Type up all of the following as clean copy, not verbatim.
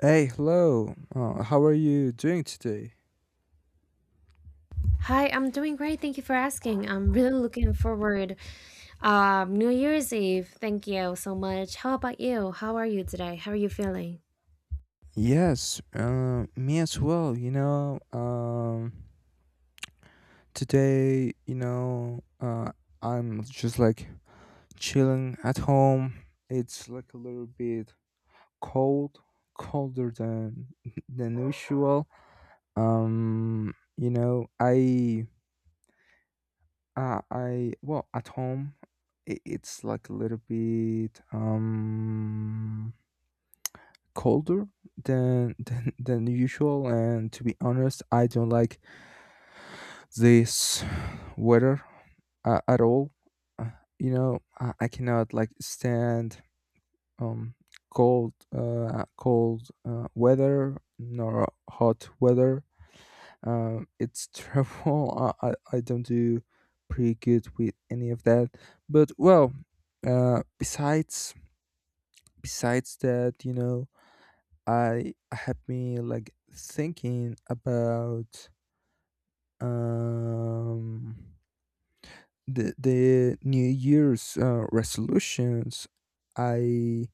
Hey, hello. How are you doing today? Hi, I'm doing great. Thank you for asking. I'm really looking forward New Year's Eve. Thank you so much. How about you? How are you today? How are you feeling? Yes, me as well. Today, I'm just like chilling at home. It's like a little bit cold, colder than usual. Um, you know, I, I, well, at home, I it's like a little bit, colder than than usual, and to be honest I don't like this weather at all. Uh, you know I cannot like stand um cold weather nor hot weather. It's terrible. I don't do pretty good with any of that, but well, uh besides besides that, you know, I have been like thinking about um the New Year's resolutions. I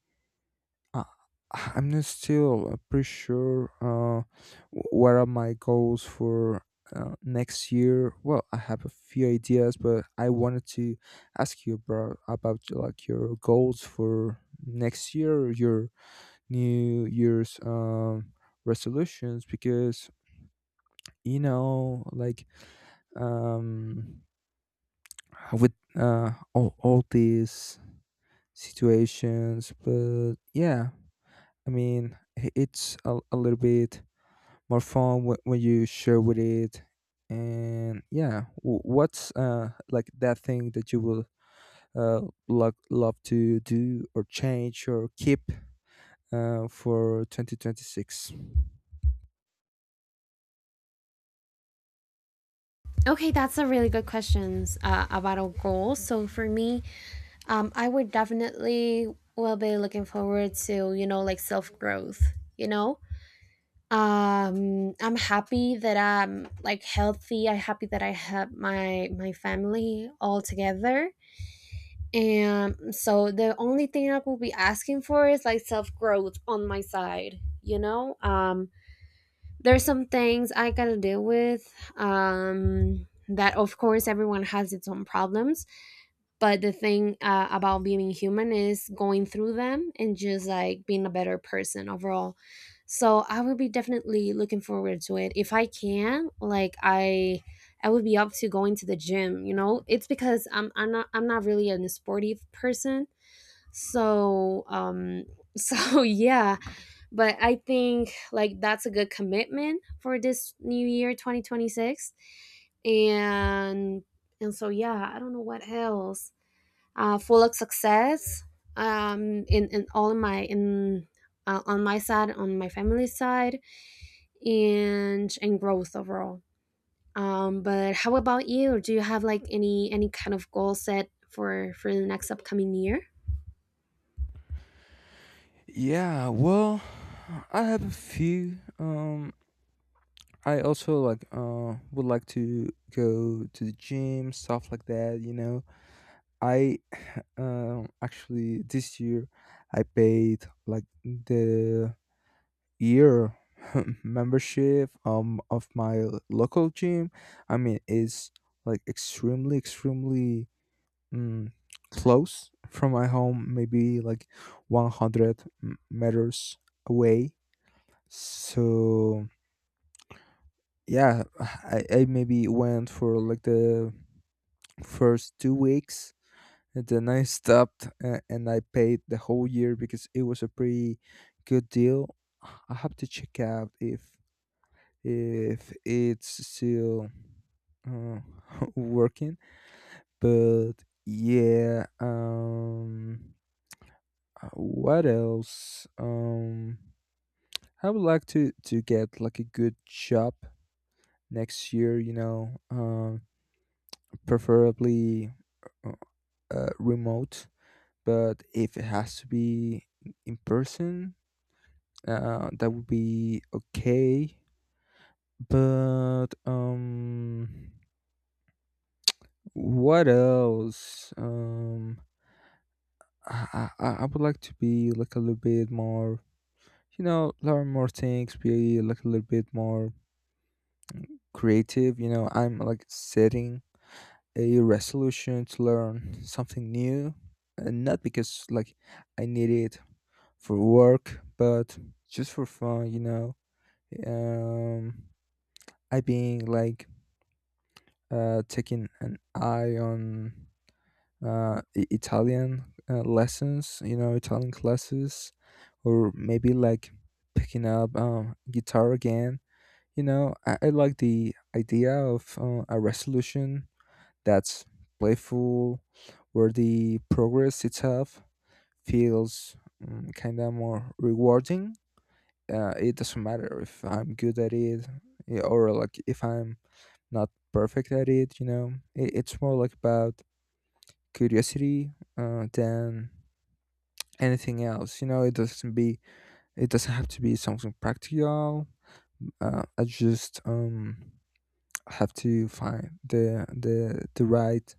uh, I'm not still pretty sure what are my goals for next year. Well, I have a few ideas, but I wanted to ask you about like your goals for next year, your New Year's resolutions, because you know like um with all these situations. But yeah, it's a little bit more fun when you share with it. And yeah, what's like that thing that you will love to do or change or keep for 2026? Okay, that's a really good question about our goals. So for me, I would definitely will be looking forward to like self growth. You know, I'm happy that I'm like healthy. I'm happy that I have my family all together. And so the only thing I will be asking for is like self growth on my side. There's some things I gotta deal with. That of course everyone has its own problems, but the thing about being human is going through them and just like being a better person overall. So I would be definitely looking forward to it if I can. I would be up to going to the gym, you know? It's because I'm not really a sportive person, so so yeah, but I think like that's a good commitment for this new year 2026. And and so yeah, I don't know what else, full of success, in all of my in on my side, on my family side, and growth overall. But how about you? Do you have like any kind of goal set for the next upcoming year? Yeah, well, I have a few, I also like would like to go to the gym, stuff like that. You know, I actually this year I paid like the year membership of my local gym. I mean, it's like extremely um, close from my home, maybe like 100 meters away. So yeah, I maybe went for like the first 2 weeks, and then I stopped and I paid the whole year because it was a pretty good deal. I have to check out if it's still uh, working, but yeah. What else? I would like to get like a good job next year, you know, preferably uh, remote, but if it has to be in person, that would be okay. But what else? I would like to be like a little bit more, you know, learn more things, be like a little bit more creative. You know, I'm like setting a resolution to learn something new, and not because like I need it for work, but just for fun, you know. Um, I being like taking an eye on Italian lessons, you know, Italian classes, or maybe like picking up guitar again. You know, I like the idea of a resolution that's playful, where the progress itself feels kind of more rewarding. It doesn't matter if I'm good at it, yeah, or like if I'm not perfect at it, you know. It's more like about curiosity than anything else. You know, it doesn't have to be something practical. I just have to find the the right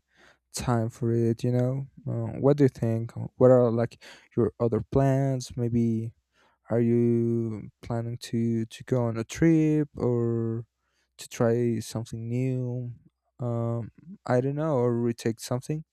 time for it, you know. What do you think? What are like your other plans? Maybe are you planning to go on a trip or to try something new, um I don't know, or retake something?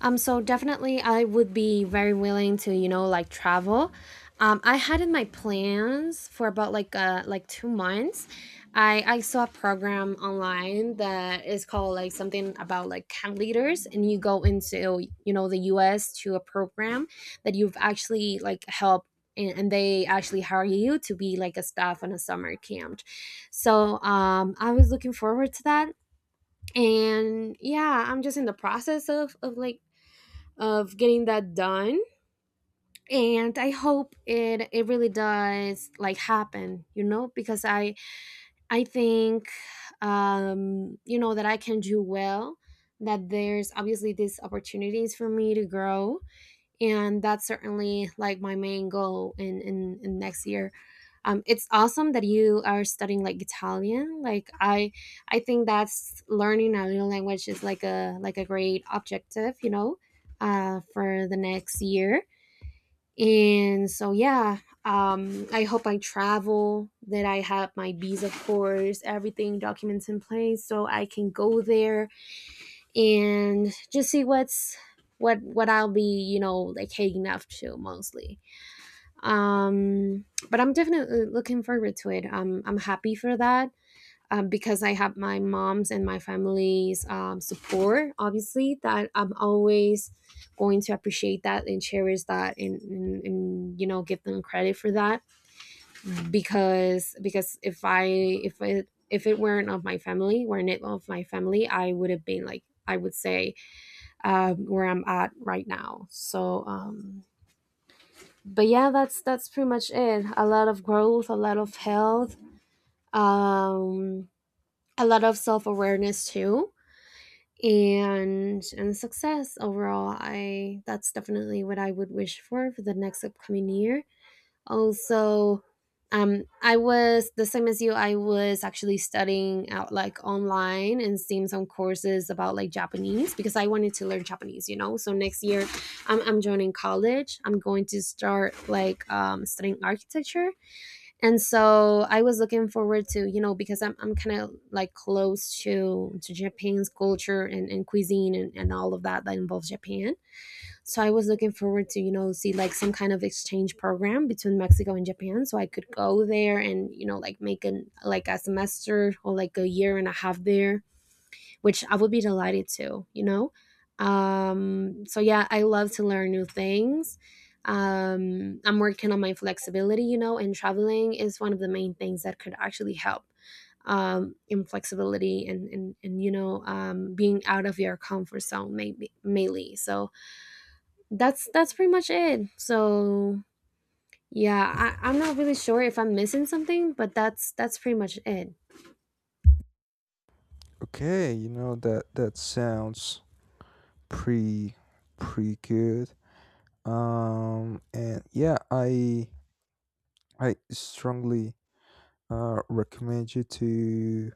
So definitely, I would be very willing to, you know, like travel. I had in my plans for about like 2 months. I saw a program online that is called like something about like camp leaders, and you go into you know the U.S. to a program that you've actually like helped. And they actually hire you to be like a staff on a summer camp. So I was looking forward to that, and yeah, I'm just in the process of getting that done, and I hope it really does like happen, you know, because I think you know that I can do well, that there's obviously these opportunities for me to grow, and that's certainly like my main goal in next year. Um, it's awesome that you are studying like Italian. I think that's, learning a new language is like a great objective, you know, for the next year. And so yeah, I hope I travel, that I have my visa, of course, everything documents in place so I can go there and just see what's what I'll be, you know, like heading up to mostly. Um, but I'm definitely looking forward to it. I'm happy for that, because I have my mom's and my family's support. Obviously, that I'm always going to appreciate that and cherish that and you know give them credit for that, because if I if it weren't of my family, weren't it of my family, I would have been like I would say where I'm at right now. So, but yeah, that's pretty much it. A lot of growth, a lot of health, um, a lot of self awareness too, and success overall. I That's definitely what I would wish for the next upcoming year. Also, I was the same as you. I was actually studying out like online and seeing some courses about like Japanese because I wanted to learn Japanese, you know. So next year, I'm joining college. I'm going to start like studying architecture. And so I was looking forward to, you know, because I'm kind of like close to Japan's culture and cuisine and all of that that involves Japan. So I was looking forward to, you know, see like some kind of exchange program between Mexico and Japan, so I could go there and you know like make an like a semester or like a year and a half there, which I would be delighted to, you know. Um, so yeah, I love to learn new things. Um, I'm working on my flexibility, you know, and traveling is one of the main things that could actually help in flexibility, and you know being out of your comfort zone maybe mainly. So that's pretty much it. So yeah, I'm not really sure if I'm missing something, but that's pretty much it. Okay, you know, that that sounds pretty pretty good. And yeah, I strongly recommend you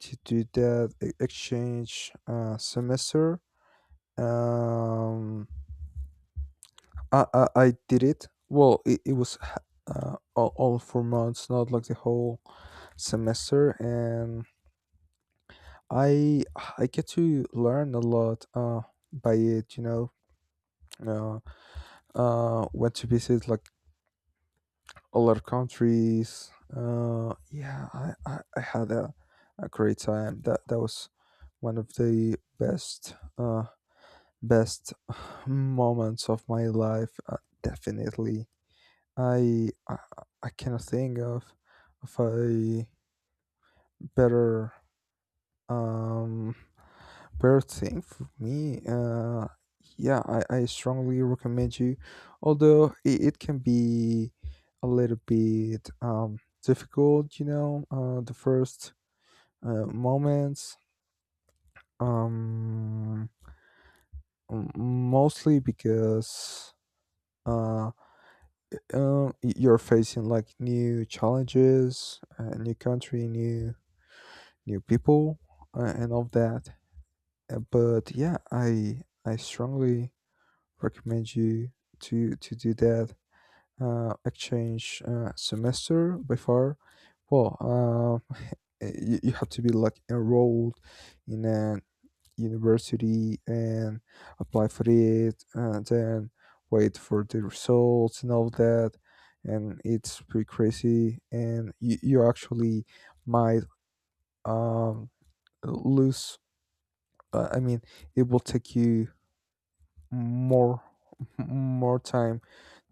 to do that exchange semester. Um, I did it. Well, it was all 4 months, not like the whole semester, and I I get to learn a lot by it. You know, went to visit like a lot of countries. Yeah, I had a great time. That that was one of the best. Best moments of my life, definitely. I, I cannot think of a better um better thing for me. Yeah, I strongly recommend you. Although it can be a little bit difficult, you know, the first moments. Um, Mostly because uh. You're facing like new challenges, new country, new people, and all that. But yeah, I strongly recommend you to do that exchange semester. By far, well, you have to be like enrolled in an university and apply for it and then wait for the results and all that, and it's pretty crazy. And you actually might um lose, I mean, it will take you more more time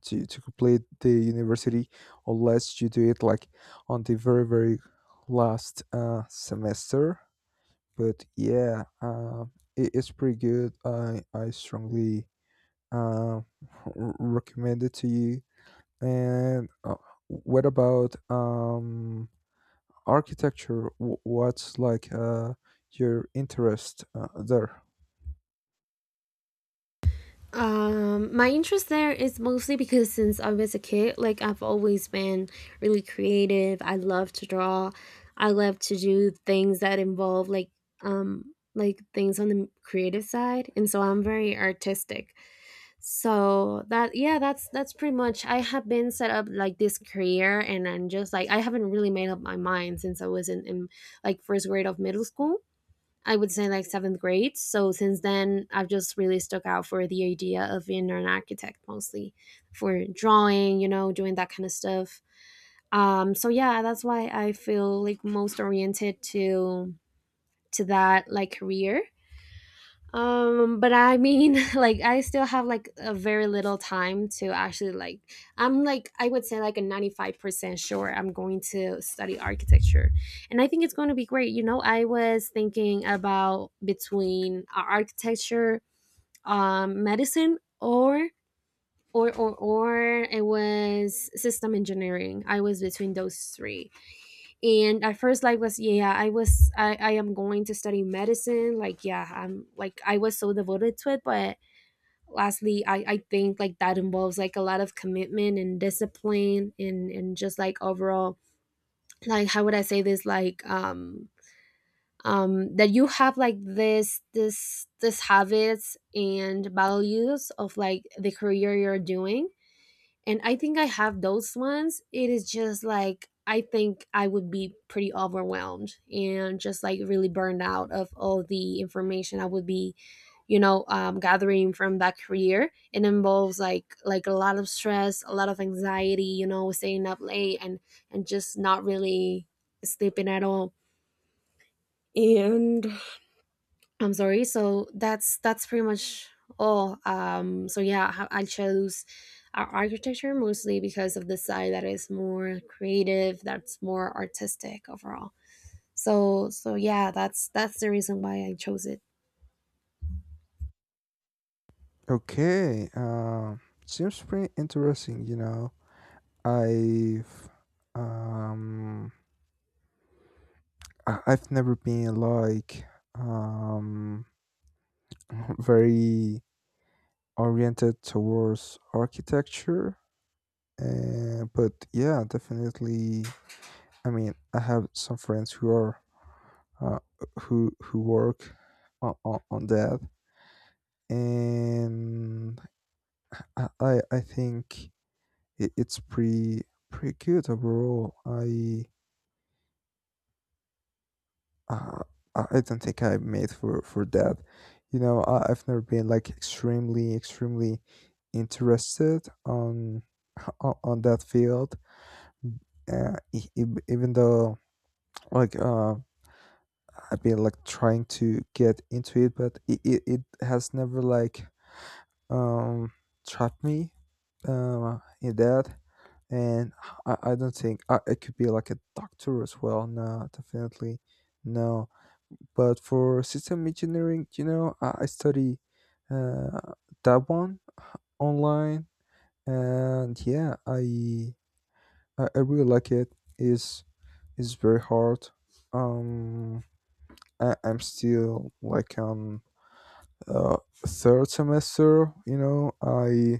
to complete the university unless you do it like on the very last semester. But yeah, it's pretty good. I strongly uh, recommended to you. And what about architecture? What's like your interest there? My interest there is mostly because since I was a kid, like I've always been really creative. I love to draw, I love to do things that involve like things on the creative side, and so I'm very artistic. So that, yeah, that's pretty much, I have been set up like this career, and I'm just like I haven't really made up my mind since I was in like first grade of middle school, I would say like seventh grade. So since then I've just really stuck out for the idea of being an architect, mostly for drawing, you know, doing that kind of stuff. Um, so yeah, that's why I feel like most oriented to that like career. Um, but I mean like I still have like a very little time to actually like, I'm like I would say like a 95% sure I'm going to study architecture, and I think it's going to be great, you know. I was thinking about between architecture, medicine, or it was system engineering. I was between those three, and at first like was yeah, I was I am going to study medicine, like yeah, I was so devoted to it, but lastly I think like that involves like a lot of commitment and discipline, and just like overall, like how would I say this, like that you have like this habits and values of like the career you're doing. And I think I have those ones. It is just like I think I would be pretty overwhelmed and just like really burned out of all the information I would be, you know, gathering from that career. It involves like a lot of stress, a lot of anxiety, you know, staying up late and just not really sleeping at all. And I'm sorry. So that's pretty much all. So yeah, I chose architecture mostly because of the side that is more creative, that's more artistic overall. So yeah, that's the reason why I chose it. Okay, seems pretty interesting. You know, I've um, I've never been like um, very oriented towards architecture. But yeah, definitely, I mean, I have some friends who are uh, who work on that, and I think it's pretty pretty good overall. Uh, I I don't think I'm made for that. You know, I've never been like extremely interested on on that field. Even though like I've been like trying to get into it, but it has never like um trapped me in that. And I don't think I could be like a doctor as well. No, definitely no. But for system engineering, you know, I study uh that one online, and yeah, I really like it. Is is very hard. Um, I'm still like uh, third semester, you know. i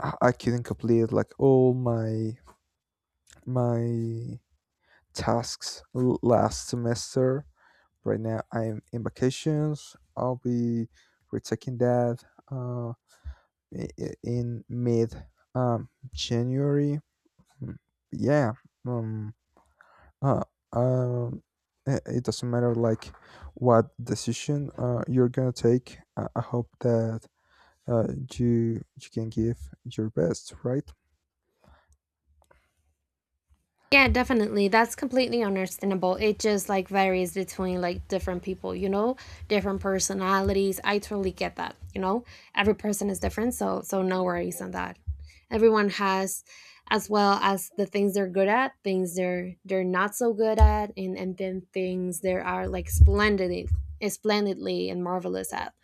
i I couldn't complete like all my my tasks last semester. Right now I'm in vacations, I'll be retaking that uh, in mid January. Mm, yeah. um, uh, um, it doesn't matter like what decision you're gonna take, I hope that uh, you you can give your best, right? Yeah, definitely. That's completely understandable. It just like varies between like different people, you know, different personalities. I totally get that, you know. Every person is different, so no worries on that. Everyone has, as well as the things they're good at, things they're not so good at, and then things they are like splendidly and marvelous at.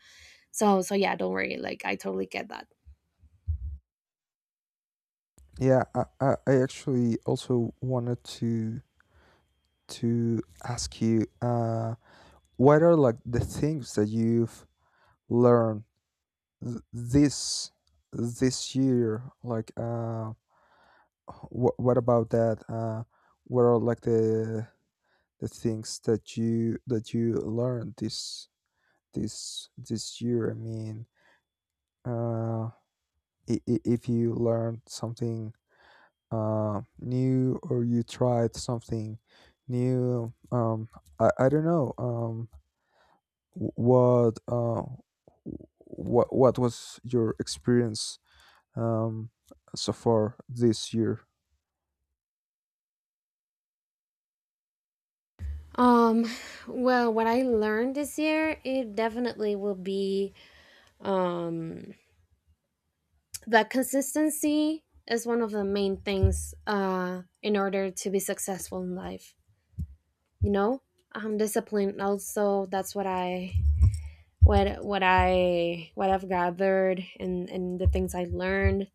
So yeah, don't worry. Like I totally get that. Yeah, I I actually also wanted to ask you what are like the things that you've learned this this year. Like, what about that? What are like the things that you learned this year? I mean, uh, if you learned something new, or you tried something new, I don't know, wh- what uh what was your experience um so far this year. Um well, what I learned this year, it definitely will be um, that consistency is one of the main things in order to be successful in life, you know. Discipline also, that's what I've gathered and the things I learned.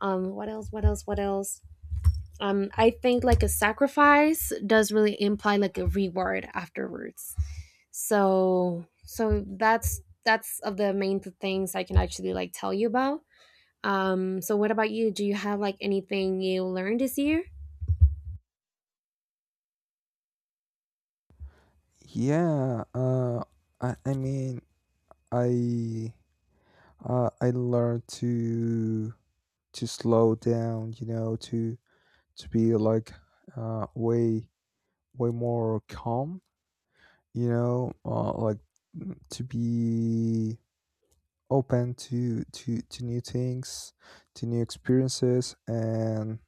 What else what else what else I think like a sacrifice does really imply like a reward afterwards. So that's of the main things I can actually like tell you about. So what about you? Do you have like anything you learned this year? Yeah, I mean, i I learned to slow down, you know, to be like way way more calm, you know, like to be open to new things, to new experiences, and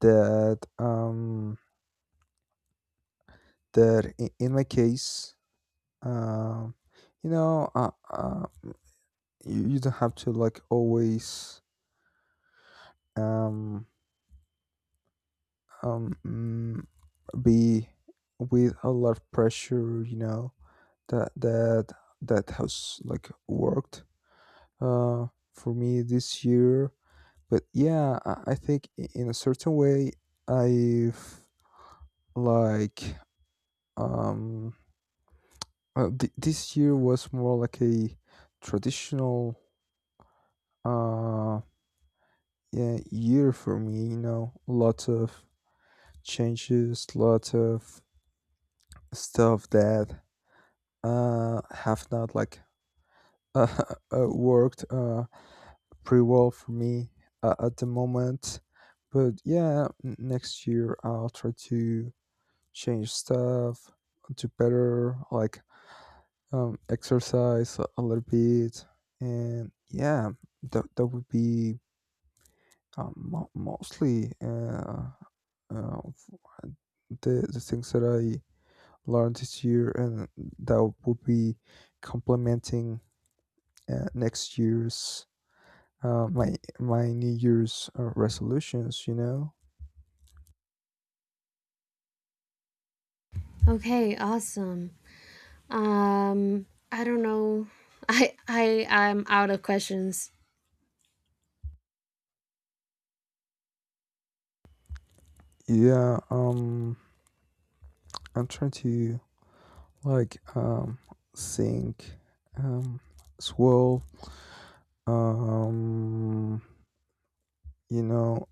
that, that in my case, um you know, you, you don't have to like always um um mm, be with a lot of pressure, you know. That that that has like worked uh for me this year. But yeah, I think I- in a certain way, I've like um th- this year was more like a traditional uh yeah year for me, you know, lots of changes, lots of stuff that uh have not like uh, worked pretty well for me at the moment. But yeah, next year I'll try to change stuff, do better, like exercise a little bit, and yeah, that that would be mostly uh, f- the things that I learned this year, and that would be complementing next year's my my New Year's resolutions, you know. Okay, awesome. Um, I don't know. I'm out of questions. Yeah. I'm trying to like sink, um swirl, um you know,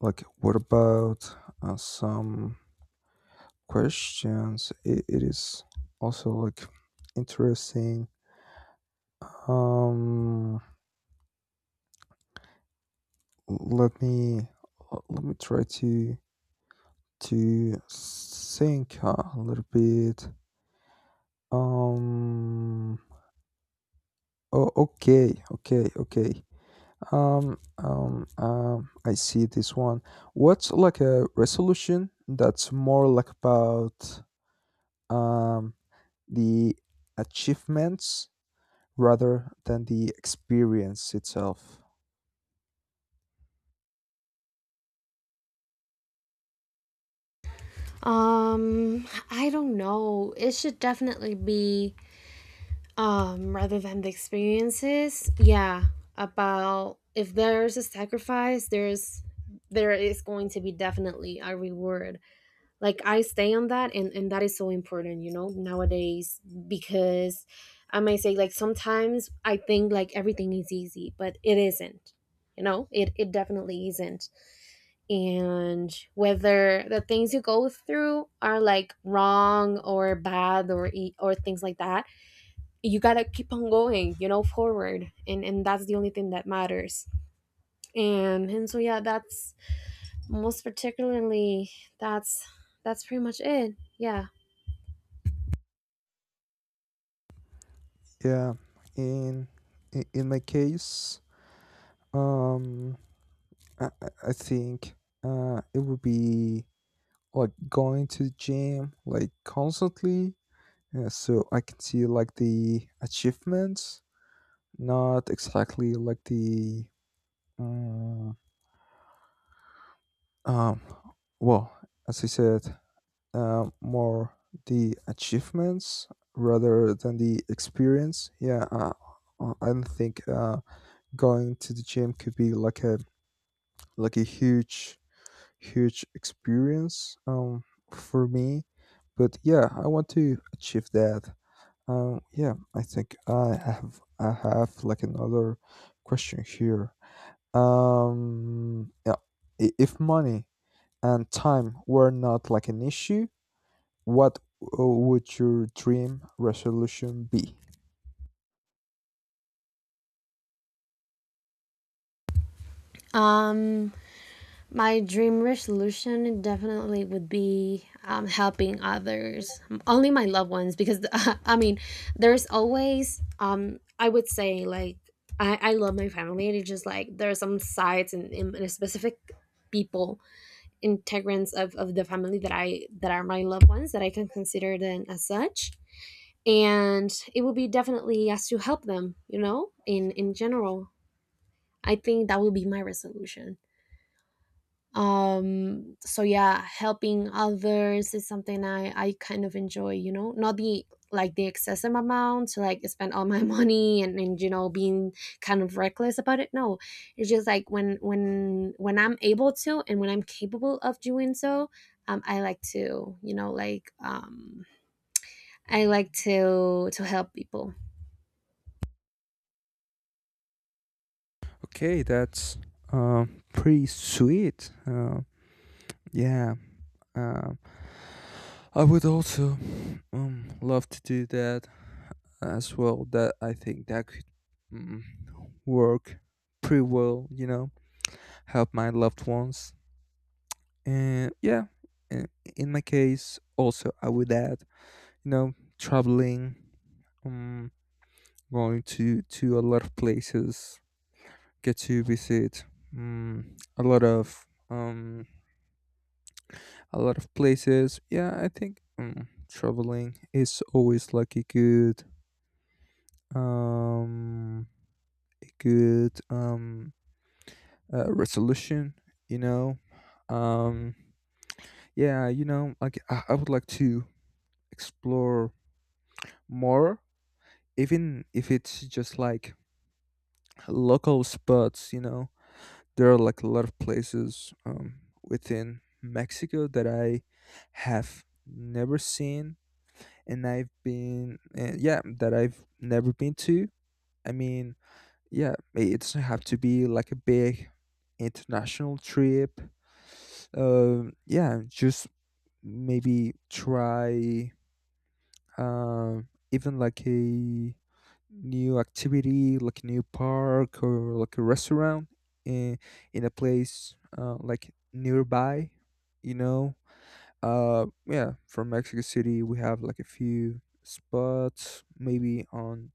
like what about some questions? It it is also like interesting. Um let me try to think a little bit. um oh, okay, okay, okay. I see this one. What's like a resolution that's more like about um the achievements rather than the experience itself? I don't know. It should definitely be rather than the experiences. Yeah, about if there's a sacrifice, there is going to be definitely a reward. Like I stay on that, and that is so important, you know, nowadays, because I might say like sometimes I think like everything is easy, but it isn't. You know, it definitely isn't. And whether the things you go through are like wrong or bad or things like that, you gotta keep on going, you know, forward, and that's the only thing that matters. And so yeah, that's, most particularly, that's that's pretty much it, yeah. Yeah, in in my case, um, I think it would be like going to the gym like constantly, so I can see like the achievements. Not exactly like the uh, um well, as I said, more the achievements rather than the experience. Yeah, I don't think going to the gym could be like a huge huge experience for me. But yeah, I want to achieve that. Yeah, I think I have like another question here. Yeah, if money and time were not like an issue, what would your dream resolution be? Um, my dream resolution definitely would be helping others, only my loved ones, because I mean, there's always I would say like I love my family, and it's just like there are some sides and in specific people, integrants of the family that I, that are my loved ones, that I can consider them as such, and it would be definitely as to help them, you know, in general. I think that would be my resolution. Um, so yeah, helping others is something I kind of enjoy, you know, not the, like the excessive amount to like spend all my money and you know being kind of reckless about it, no. It's just like when I'm able to and when I'm capable of doing so, I like to, you know, I like to help people. Okay, that's uh, pretty sweet. Yeah, uh, I would also love to do that as well. That I think that could mm, work pretty well. You know, help my loved ones, and yeah, in, in my case, also I would add, you know, traveling, um going to a lot of places, get to visit um, a lot of um a lot of places. Yeah, I think traveling is always like um a good resolution, you know. um yeah, you know, like I would like to explore more, even if it's just like local spots, you know. There are like a lot of places within Mexico that I have never seen, and yeah, that I've never been to. I mean, yeah, it doesn't have to be like a big international trip. Yeah, just maybe try even like a new activity, like a new park or like a restaurant in in a place like nearby, you know. Yeah, from Mexico City, we have like a few spots, maybe on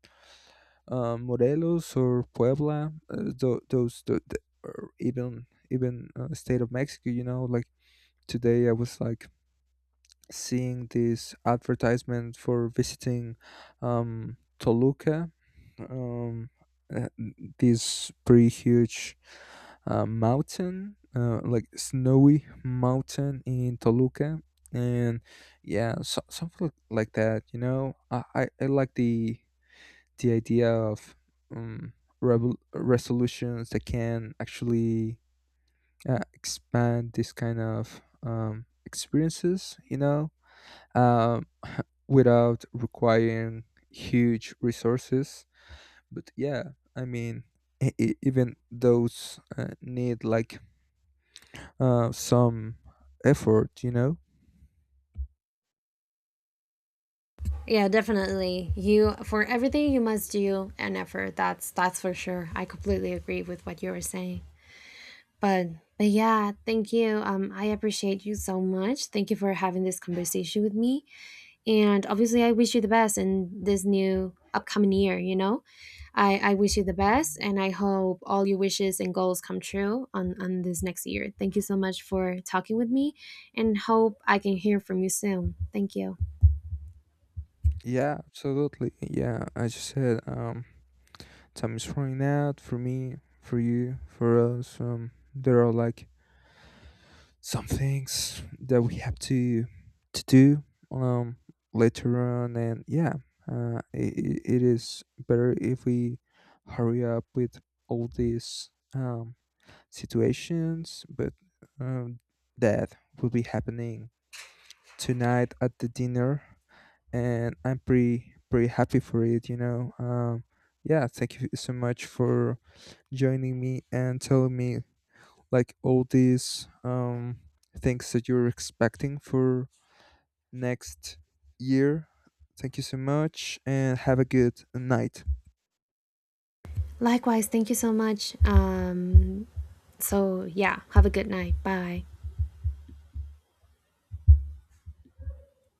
Morelos or Puebla, or even state of Mexico, you know. Like today, I was like seeing this advertisement for visiting Toluca, um, uh, this pretty huge mountain, like snowy mountain in Toluca. And yeah, so something like that, you know. I like the idea of um, resolutions that can actually expand this kind of experiences, you know, Um, without requiring huge resources. But yeah, I mean, even those need like some effort, you know? Yeah, definitely, you, for everything you must do an effort, that's for sure. I completely agree with what you were saying. But but yeah, thank you. I appreciate you so much. Thank you for having this conversation with me. And obviously, I wish you the best in this new upcoming year. You know, I wish you the best, and I hope all your wishes and goals come true on this next year. Thank you so much for talking with me, and hope I can hear from you soon. Thank you. Yeah, absolutely. Yeah, as you said, time is running out for me, for you, for us. There are like some things that we have to do um later on. And yeah, it is better if we hurry up with all these situations. But um that will be happening tonight at the dinner, and I'm pretty pretty happy for it, you know. Yeah, thank you so much for joining me and telling me like all these things that you're expecting for next year. Thank you so much, and have a good night. Likewise, thank you so much. So yeah, have a good night. Bye.